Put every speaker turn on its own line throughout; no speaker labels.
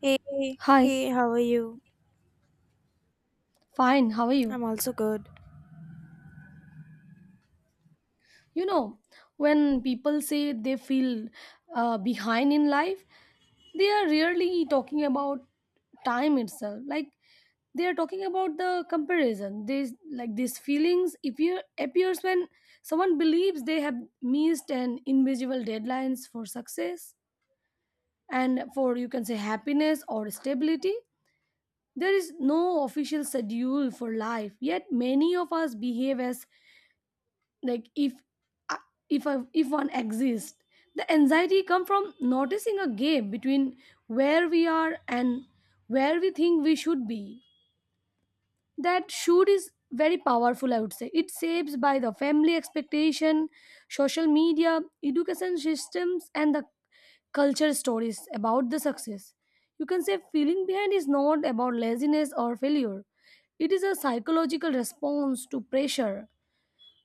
Hey, hey,
Hi,
hey, how are you?
fine. How are you?
I'm also good.
You know, when people say they feel behind in life, they are really talking about time itself. Like they are talking about the comparison. This like These feelings appear appears when someone believes they have missed an invisible deadlines for success and for, you can say, happiness or stability. There is no official schedule for life, yet many of us behave as like if one exists. The anxiety come from noticing a gap between where we are and where we think we should be. That should is very powerful. I would say it shapes by the family expectation, social media, education systems, and the culture stories about the success. You can say feeling behind is not about laziness or failure. It is a psychological response to pressure.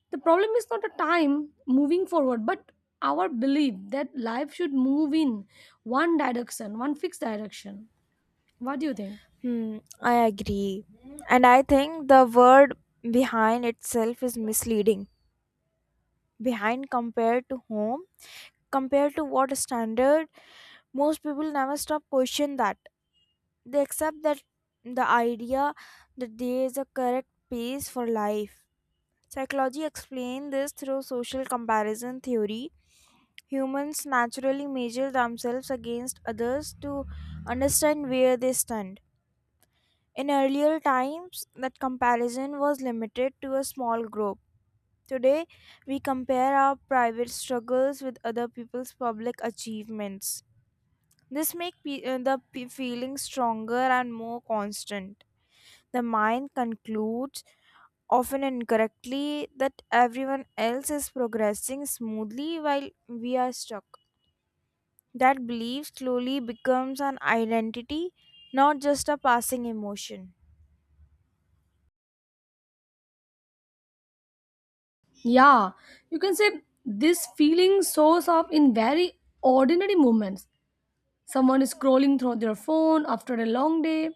The problem is not a time moving forward, but our belief that life should move in one direction, one fixed direction. What do you think?
Hmm, I agree. And I think the word behind itself is misleading. Behind compared to home, compared to what standard, most people never stop question that. They accept that the idea that there is a correct pace for life. Psychology explains this through social comparison theory. Humans naturally measure themselves against others to understand where they stand. In earlier times, that comparison was limited to a small group. Today, we compare our private struggles with other people's public achievements. This makes the feeling stronger and more constant. The mind concludes, often incorrectly, that everyone else is progressing smoothly while we are stuck. That belief slowly becomes an identity, not just a passing emotion.
Yeah, you can say this feeling shows up in very ordinary moments. Someone is scrolling through their phone after a long day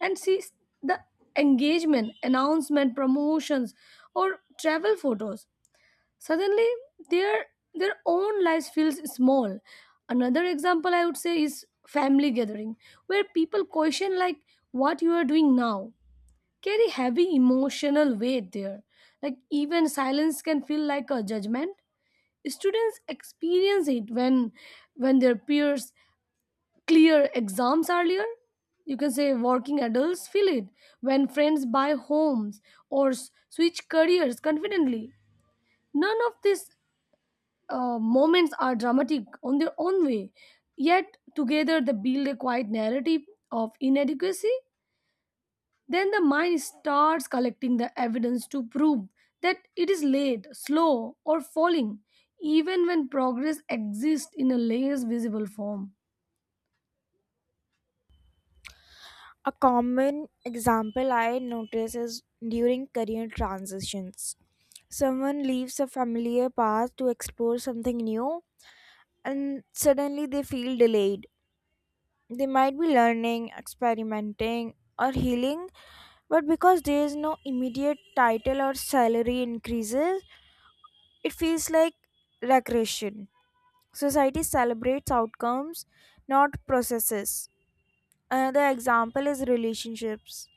and sees the engagement, announcement, promotions, or travel photos. Suddenly their their own lives feels small. Another example I would say is family gathering, where people question, like, what you are doing now carry heavy emotional weight there. Like, even silence can feel like a judgment. Students experience it when their peers clear exams earlier. You can say working adults feel it when friends buy homes or switch careers confidently. None of this moments are dramatic on their own way, yet together they build a quiet narrative of inadequacy. Then the mind starts collecting the evidence to prove that it is late, slow, or falling, even when progress exists in a less visible form.
A common example I notice is during career transitions. Someone leaves a familiar path to explore something new, and suddenly they feel delayed. They might be learning, experimenting, or healing, but because there is no immediate title or salary increases, it feels like regression. Society celebrates outcomes, not processes. Another example is relationships.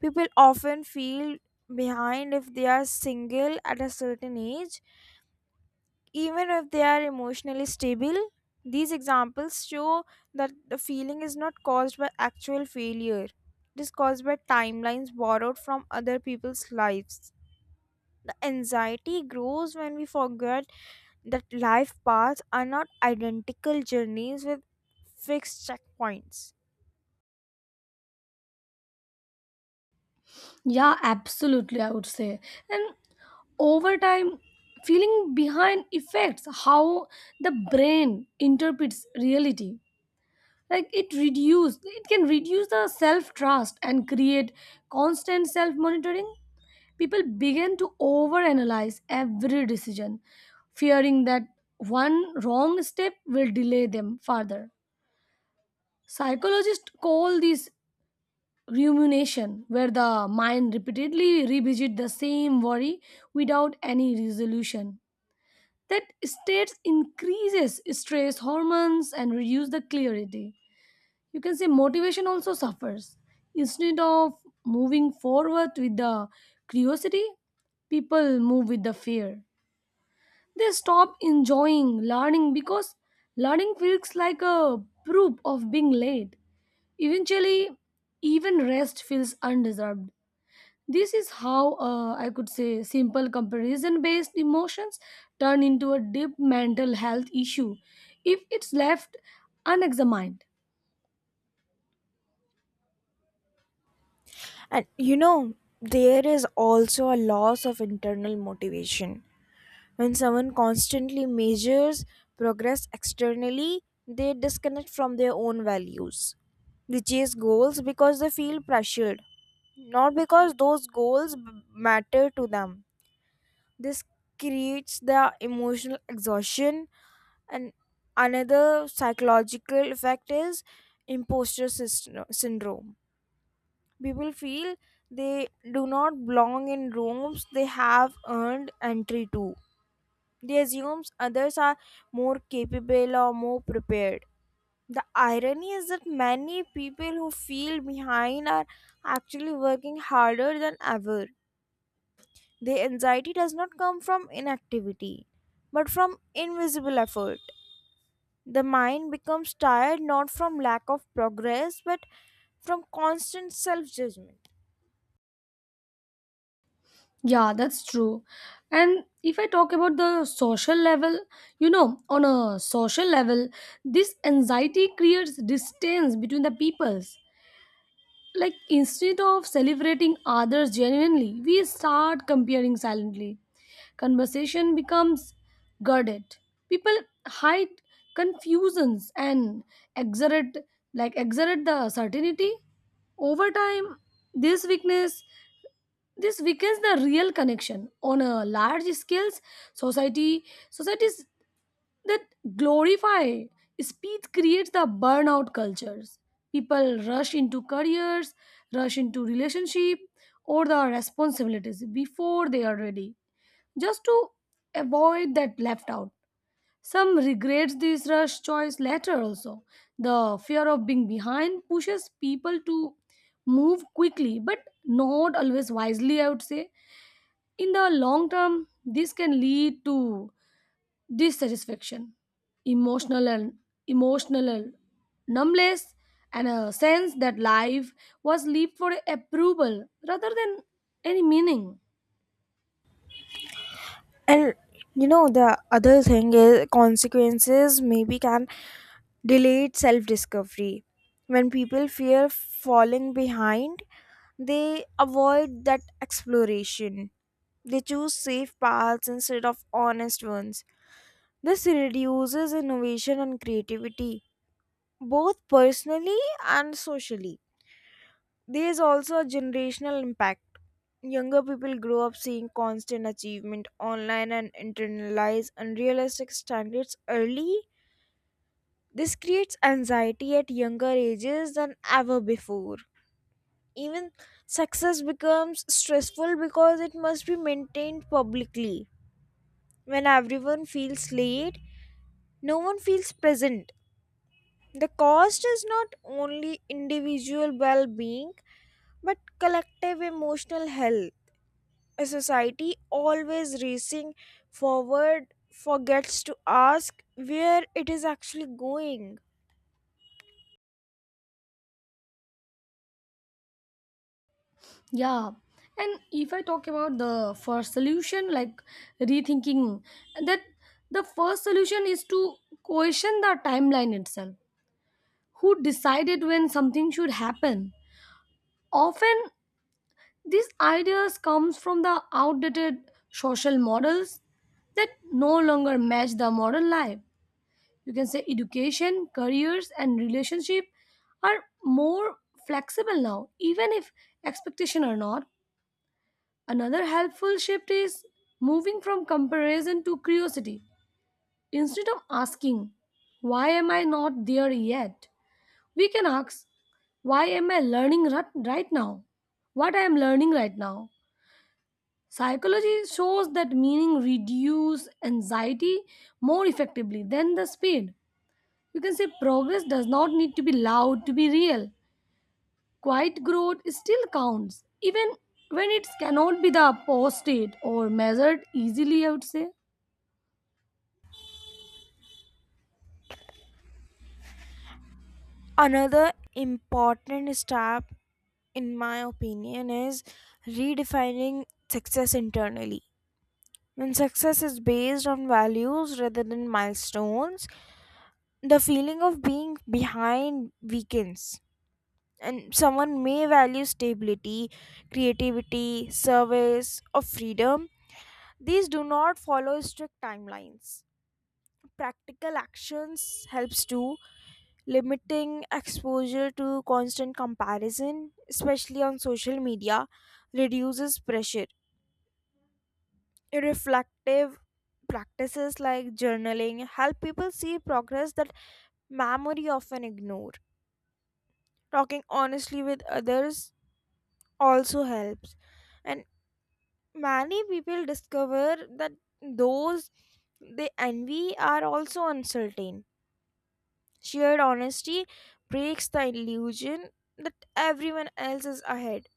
People often feel behind if they are single at a certain age. Even if they are emotionally stable, these examples show that the feeling is not caused by actual failure. It is caused by timelines borrowed from other people's lives. The anxiety grows when we forget that life paths are not identical journeys with fixed checkpoints.
Yeah, absolutely, I would say. And over time, feeling behind affects how the brain interprets reality. Like, it can reduce the self trust and create constant self monitoring. People begin to overanalyze every decision, fearing that one wrong step will delay them further. Psychologists call this rumination, where the mind repeatedly revisit the same worry without any resolution. That state increases stress hormones and reduce the clarity. You can say motivation also suffers. Instead of moving forward with the curiosity, people move with the fear. They stop enjoying learning, because learning feels like a proof of being late. Eventually, even rest feels undeserved. This is how, I could say, simple comparison based emotions turn into a deep mental health issue if it's left unexamined.
And you know, there is also a loss of internal motivation. When someone constantly measures progress externally, they disconnect from their own values. They chase goals because they feel pressured, not because those goals matter to them. This creates the emotional exhaustion, and another psychological effect is imposter syndrome. People feel they do not belong in rooms they have earned entry to. They assume others are more capable or more prepared. The irony is that many people who feel behind are actually working harder than ever. Their anxiety does not come from inactivity, but from invisible effort. The mind becomes tired not from lack of progress, but from constant self judgment.
Yeah, that's true. And if I talk about the social level, you know, on a social level, this anxiety creates distance between the peoples. Like, instead of celebrating others genuinely, we start comparing silently. Conversation becomes guarded. People hide confusions and exert, like, exert the certainty. Over time, this weakness this weakens the real connection on a large scales. Society societies that glorify speed creates the burnout cultures. People rush into careers, rush into relationship or the responsibilities before they are ready, just to avoid that left out. Some regrets this rush choice later also. The fear of being behind pushes people to move quickly but not always wisely, I would say. In the long term, this can lead to dissatisfaction, emotional and emotional numbness, and a sense that life was lived for approval rather than any meaning.
And you know, the other thing is consequences maybe can delayed self discovery. When people fear falling behind, they avoid that exploration. They choose safe paths instead of honest ones. This reduces innovation and creativity, both personally and socially. There is also a generational impact. Younger people grow up seeing constant achievement online and internalize unrealistic standards early. This creates anxiety at younger ages than ever before. Even success becomes stressful because it must be maintained publicly. When everyone feels late, no one feels present. The cost is not only individual well being but collective emotional health. A society always racing forward forgets to ask where it is actually going.
Yeah. And if I talk about the first solution, like rethinking, that the first solution is to question the timeline itself. Who decided when something should happen? Often these ideas comes from the outdated social models that no longer match the modern life. You can say education, careers and relationship are more flexible now, even if expectation are not. Another helpful shift is moving from comparison to curiosity. Instead of asking, why am I not there yet? We can ask, why am I learning right now? What I am learning right now? Psychology shows that meaning reduce anxiety more effectively than the speed. You can say progress does not need to be loud to be real. Quiet growth still counts, even when it cannot be the posted or measured easily, I would say.
Another important step, in my opinion, is redefining success internally. When success is based on values rather than milestones, the feeling of being behind weakens. And someone may value stability, creativity, service, or freedom. These do not follow strict timelines. Practical actions helps too, limiting exposure to constant comparison, especially on social media, reduces pressure. Reflective practices like journaling help people see progress that memory often ignore. Talking honestly with others also helps. And many people discover that those they envy are also uncertain. Shared honesty breaks the illusion that everyone else is ahead.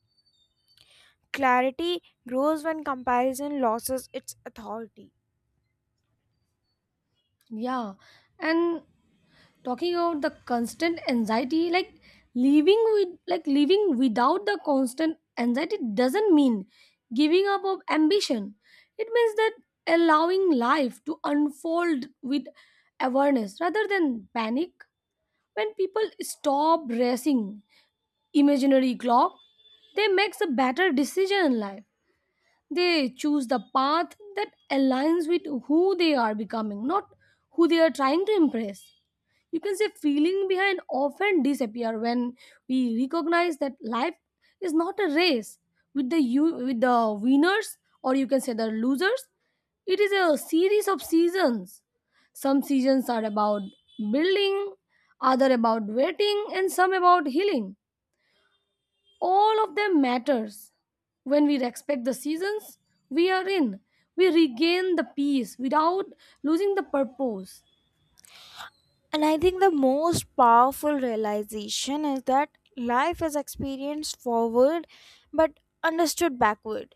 Clarity grows when comparison loses its authority.
Yeah, and talking about the constant anxiety, like living without the constant anxiety doesn't mean giving up of ambition. It means that allowing life to unfold with awareness rather than panic. When people stop racing imaginary clock, they makes a better decision in life. They choose the path that aligns with who they are becoming, not who they are trying to impress. You can say feeling behind often disappear when we recognize that life is not a race with the you with the winners or, you can say, the losers. It is a series of seasons. Some seasons are about building, other about waiting, and some about healing. All of them matters. When we respect the seasons we are in, we regain the peace without losing the purpose.
And I think the most powerful realization is that life is experienced forward but understood backward.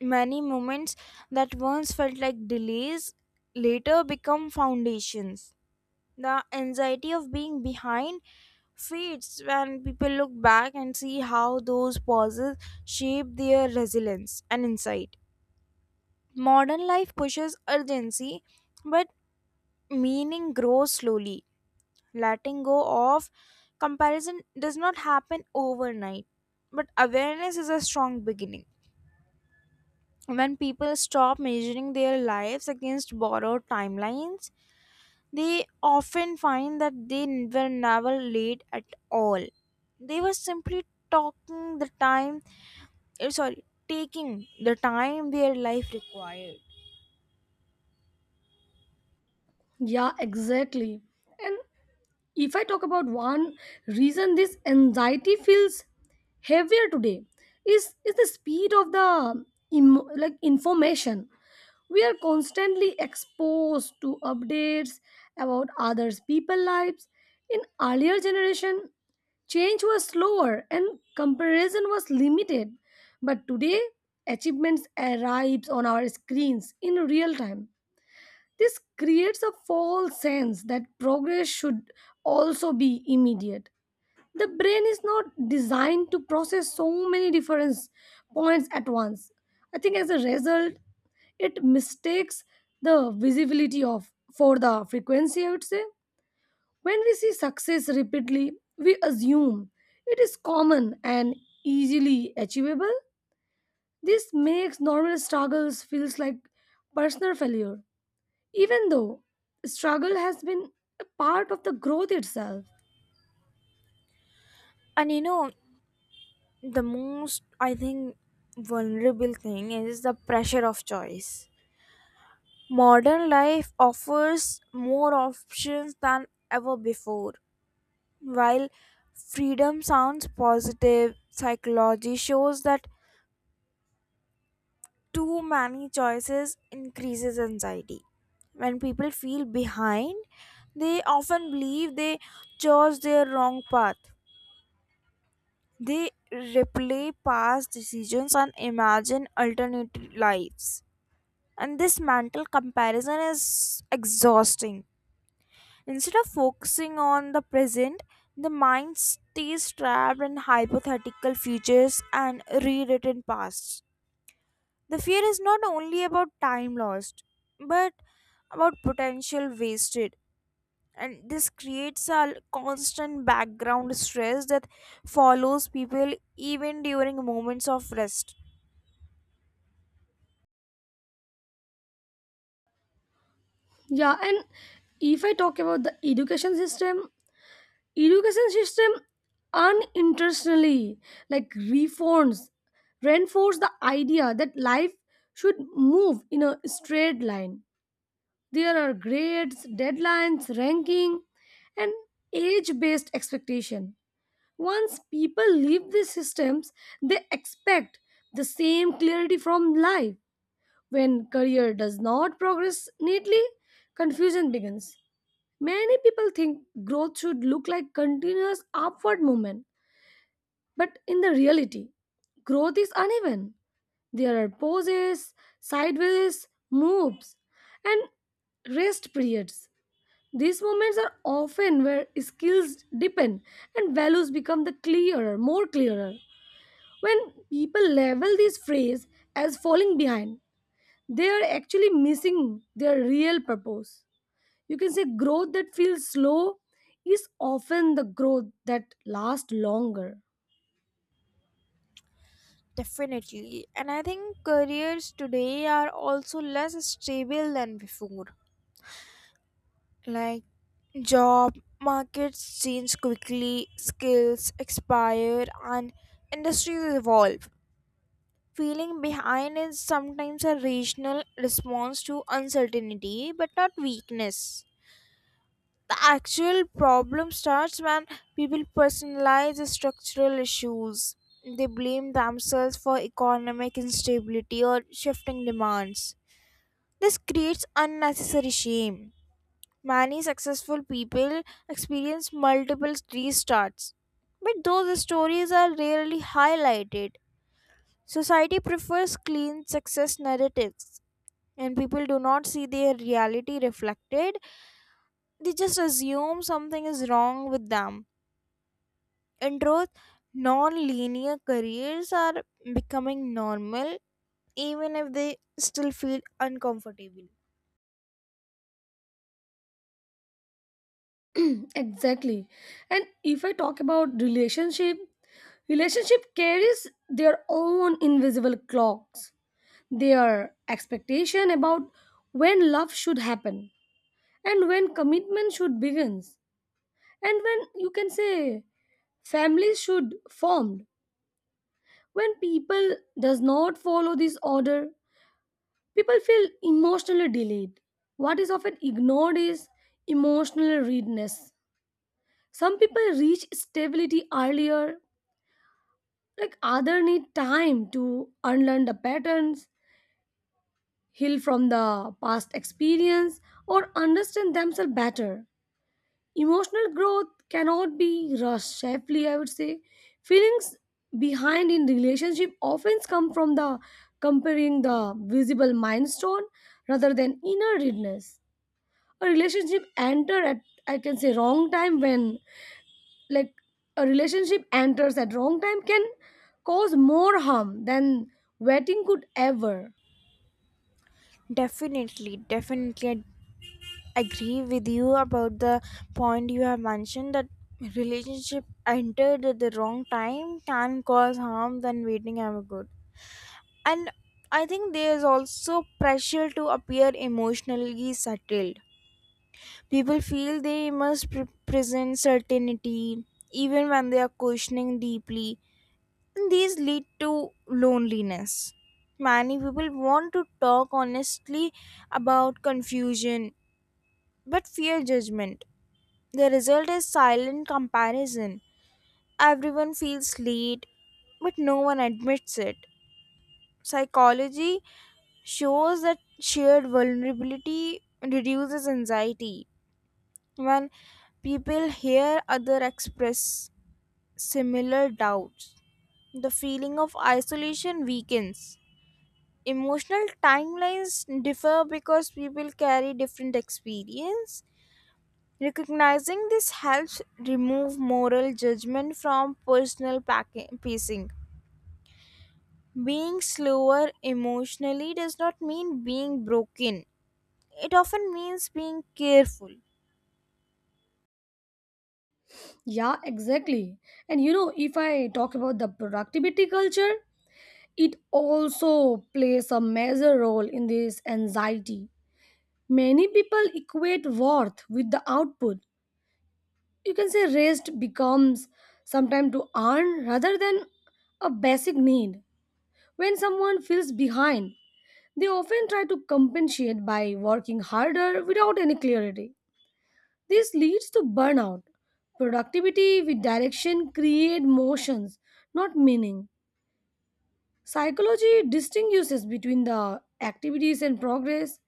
Many moments that once felt like delays later become foundations. The anxiety of being behind fades when people look back and see how those pauses shape their resilience and insight. Modern life pushes urgency, but meaning grows slowly. Letting go of comparison does not happen overnight, but awareness is a strong beginning. When people stop measuring their lives against borrowed timelines, they often find that they were never late at all. They were simply talking the time, eh, sorry, taking the time their life required.
Yeah, exactly. And if I talk about one reason this anxiety feels heavier today is the speed of the like information. We are constantly exposed to updates about others people lives. In earlier generation, change was slower and comparison was limited, but today achievements arrives on our screens in real time. This creates a false sense that progress should also be immediate. The brain is not designed to process so many different points at once. I think as a result, it mistakes the visibility of for the frequency, I would say. When we see success repeatedly, we assume it is common and easily achievable. This makes normal struggles feels like personal failure, even though struggle has been a part of the growth itself.
And you know, the most, I think, vulnerable thing is the pressure of choice. Modern life offers more options than ever before. While freedom sounds positive, psychology shows that too many choices increases anxiety. When people feel behind, they often believe they chose their wrong path. They replay past decisions and imagine alternate lives. And this mental comparison is exhausting. Instead of focusing on the present, the mind stays trapped in hypothetical futures and rewritten pasts. The fear is not only about time lost, but about potential wasted. And this creates a constant background stress that follows people even during moments of rest.
Yeah. And if I talk about the education system, education system unintentionally, like reforms reinforce the idea that life should move in a straight line. There are grades, deadlines, ranking, and age based expectation. Once people leave these systems, they expect the same clarity from life. When career does not progress neatly, confusion begins. Many people think growth should look like continuous upward movement, but in the reality, growth is uneven. There are pauses, sideways moves, and rest periods. These moments are often where skills deepen and values become the clearer, more clearer. When people label this phrase as falling behind, they are actually missing their real purpose. You can say growth that feels slow is often the growth that lasts longer.
Definitely. And I think careers today are also less stable than before. Like, job markets change quickly, skills expire, and industries evolve. Feeling behind is sometimes a rational response to uncertainty, but not weakness. The actual problem starts when people personalize the structural issues. They blame themselves for economic instability or shifting demands. This creates unnecessary shame. Many successful people experience multiple restarts, but those stories are rarely highlighted. Society prefers clean success narratives, and people do not see their reality reflected. They just assume something is wrong with them. In truth, non-linear careers are becoming normal, even if they still feel uncomfortable.
Exactly. And if I talk about relationship, relationship carries their own invisible clocks, their expectation about when love should happen, and when commitment should begins, and when, you can say, families should form. When people does not follow this order, people feel emotionally delayed. What is often ignored is emotional readiness. Some people reach stability earlier, like others need time to unlearn the patterns, heal from the past experience, or understand themselves better. Emotional growth cannot be rushed safely, I would say. Feelings behind in relationship often come from the comparing the visible milestone rather than inner readiness. A relationship enter at, I can say, wrong time when, like, a relationship enters at wrong time can cause more harm than waiting could ever.
Definitely, I agree with you about the point you have mentioned, that relationship entered at the wrong time can cause harm than waiting ever could. And I think there's also pressure to appear emotionally settled. People feel they must present certainty even when they are questioning deeply, and these lead to loneliness. Many people want to talk honestly about confusion but fear judgment. The result is silent comparison. Everyone feels late, but no one admits it. Psychology shows that shared vulnerability reduces anxiety. When people hear other express similar doubts, the feeling of isolation weakens. Emotional timelines differ because people carry different experience. Recognizing this helps remove moral judgment from pacing. Being slower emotionally does not mean being broken; it often means being careful.
Yeah, exactly. And you know, if I talk about the productivity culture, it also plays a major role in this anxiety. Many people equate worth with the output. You can say rest becomes sometime to earn rather than a basic need. When someone feels behind, they often try to compensate by working harder without any clarity. This leads to burnout. Productivity with direction create motions, not meaning. Psychology distinguishes between the activities and progress,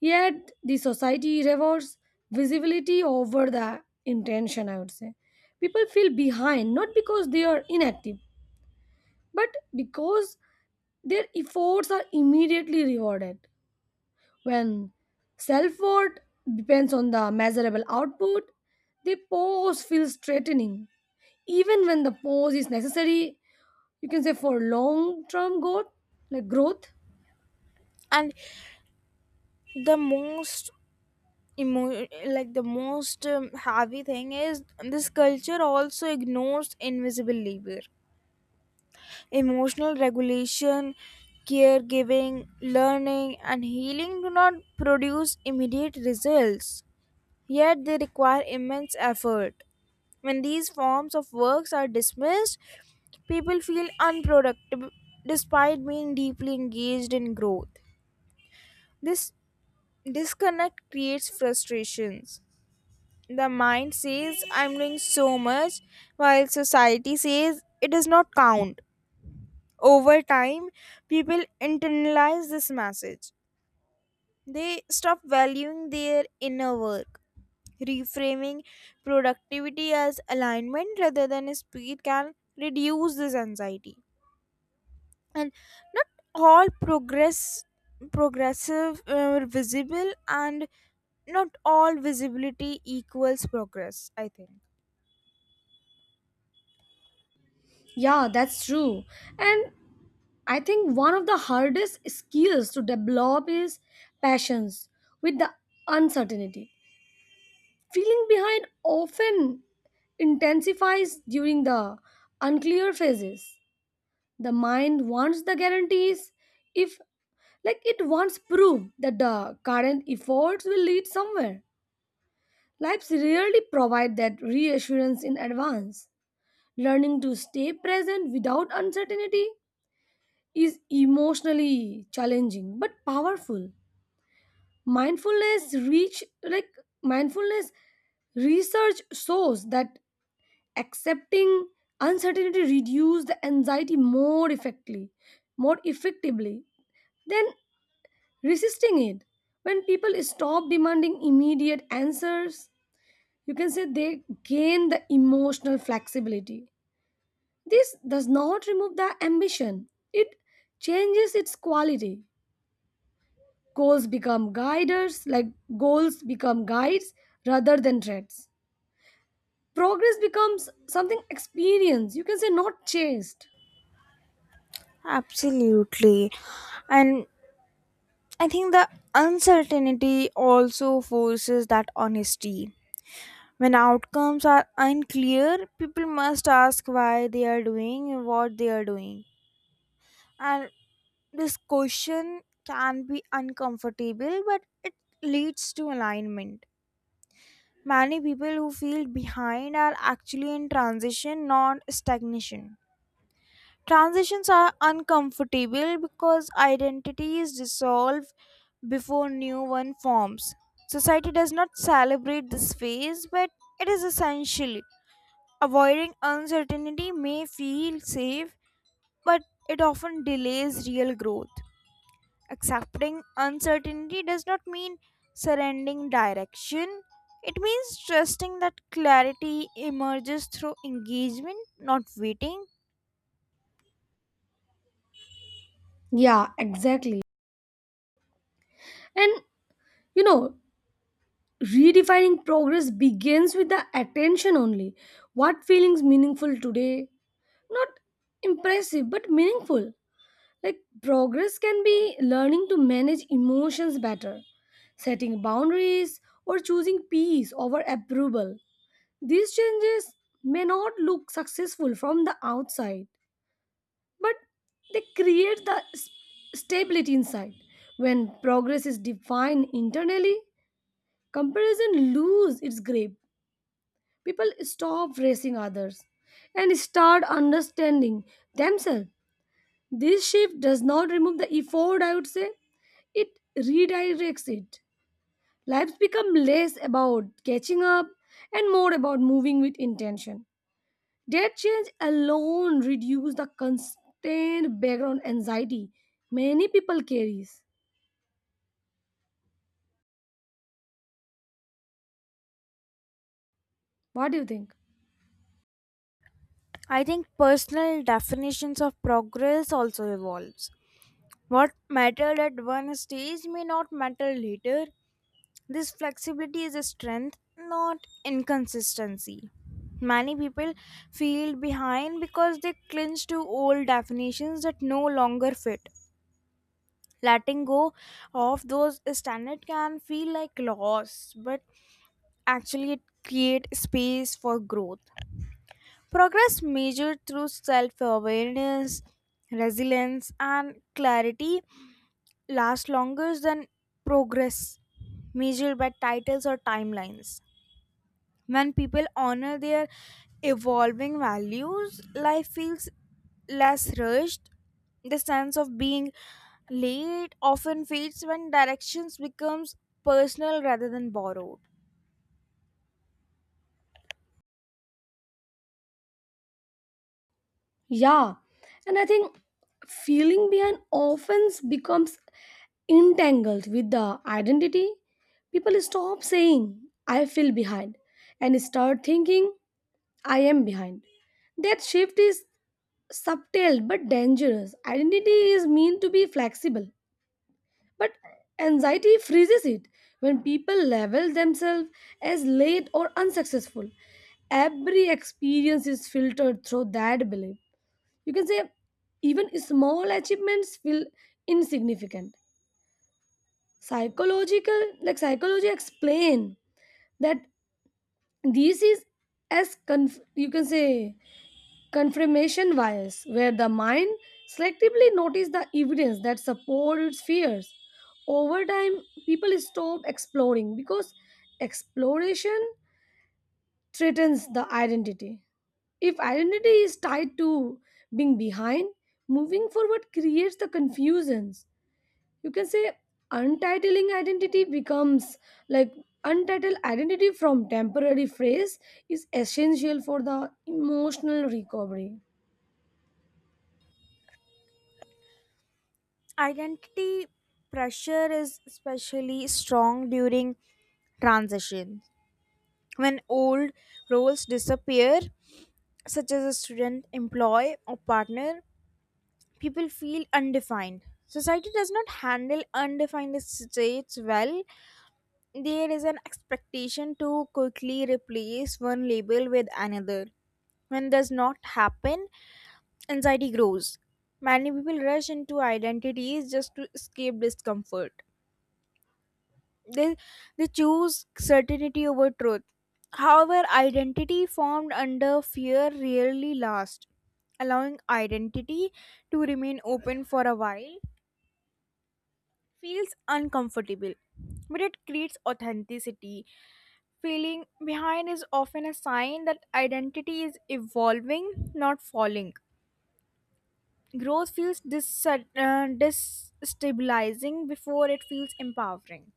yet the society rewards visibility over the intention, I would say. People feel behind not because they are inactive, but because their efforts are immediately rewarded. When self worth depends on the measurable output, the pause feels threatening. Even when the pause is necessary, you can say for long term growth, like growth.
And the most emo- like the most heavy thing is this culture also ignores invisible labor. Emotional regulation, caregiving, learning and healing do not produce immediate results, yet they require immense effort. When these forms of works are dismissed, people feel unproductive despite being deeply engaged in growth. This disconnect creates frustrations. The mind says, I'm doing so much, while society says it does not count. Over time, people internalize this message. They stop valuing their inner work. Reframing productivity as alignment rather than speed can reduce this anxiety. And not all progressive visible, and not all visibility equals progress, I think.
Yeah, that's true. And I think one of the hardest skills to develop is passions with the uncertainty. Feeling behind often intensifies during the unclear phases. The mind wants the guarantees. If, like, it wants proof that the current efforts will lead somewhere. Lives rarely provide that reassurance in advance. Learning to stay present without uncertainty is emotionally challenging but powerful. Mindfulness reach like mindfulness research shows that accepting uncertainty reduces the anxiety more effectively, more effectively than resisting it. When people stop demanding immediate answers, you can say they gain the emotional flexibility. This does not remove the ambition. It changes its quality. Goals become guiders like goals become guides rather than threats. Progress becomes something experienced, you can say, not chased.
Absolutely. And I think the uncertainty also forces that honesty. When outcomes are unclear, people must ask why they are doing what they are doing, and this question can be uncomfortable, but it leads to alignment. Many people who feel behind are actually in transition, not stagnation. Transitions are uncomfortable because identities dissolve before new one forms. Society does not celebrate this phase, but it is essential. Avoiding uncertainty may feel safe, but it often delays real growth. Accepting uncertainty does not mean surrendering direction. It means trusting that clarity emerges through engagement, not waiting.
Yeah, exactly. And you know, redefining progress begins with the attention only what feelings meaningful today, not impressive but meaningful. Like, progress can be learning to manage emotions better, setting boundaries, or choosing peace over approval. These changes may not look successful from the outside, but they create the stability inside. When progress is defined internally, comparison loses its grip. People stop racing others and start understanding themselves. This shift does not remove the effort, I would say, it redirects it. Lives become less about catching up and more about moving with intention. That change alone reduce the constant background anxiety many people carries. What do you think?
I think personal definitions of progress also evolves. What mattered at one stage may not matter later. This flexibility is a strength, not inconsistency. Many people feel behind because they cling to old definitions that no longer fit. Letting go of those standards can feel like loss, but actually it creates space for growth. Progress measured through self-awareness, resilience and clarity lasts longer than progress measured by titles or timelines. When people honor their evolving values, life feels less rushed. The sense of being late often fades when directions becomes personal rather than borrowed.
Yeah, and I think feeling behind often becomes entangled with the identity. People stop saying I feel behind and start thinking I am behind. That shift is subtle but dangerous. Identity is meant to be flexible. But anxiety freezes it when people label themselves as late or unsuccessful. Every experience is filtered through that belief. You can say even small achievements feel insignificant. Psychological, like psychology, explain that this is as you can say confirmation bias, where the mind selectively notices the evidence that supports its fears. Over time, people stop exploring because exploration threatens the identity. If identity is tied to being behind, moving forward creates the confusions. You can say untitling identity becomes like untitled identity from temporary phrase is essential for the emotional recovery.
Identity pressure is especially strong during transition. When old roles disappear, such as a student, employee, or partner, people feel undefined. Society does not handle undefined states well. There is an expectation to quickly replace one label with another. When does not happen, anxiety grows. Many people rush into identities just to escape discomfort. They, they choose certainty over truth. However, identity formed under fear rarely lasts. Allowing identity to remain open for a while feels uncomfortable, but it creates authenticity. Feeling behind is often a sign that identity is evolving, not falling. Growth feels destabilizing before it feels empowering.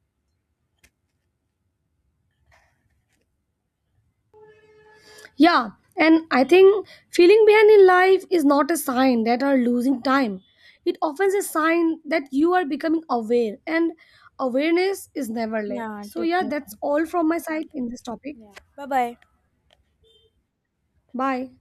Yeah, and I think feeling behind in life is not a sign that are losing time. It often is a sign that you are becoming aware, and awareness is never late.
Yeah,
So yeah, that's
definitely.
all from my side in this topic.
Yeah. Bye bye.
Bye.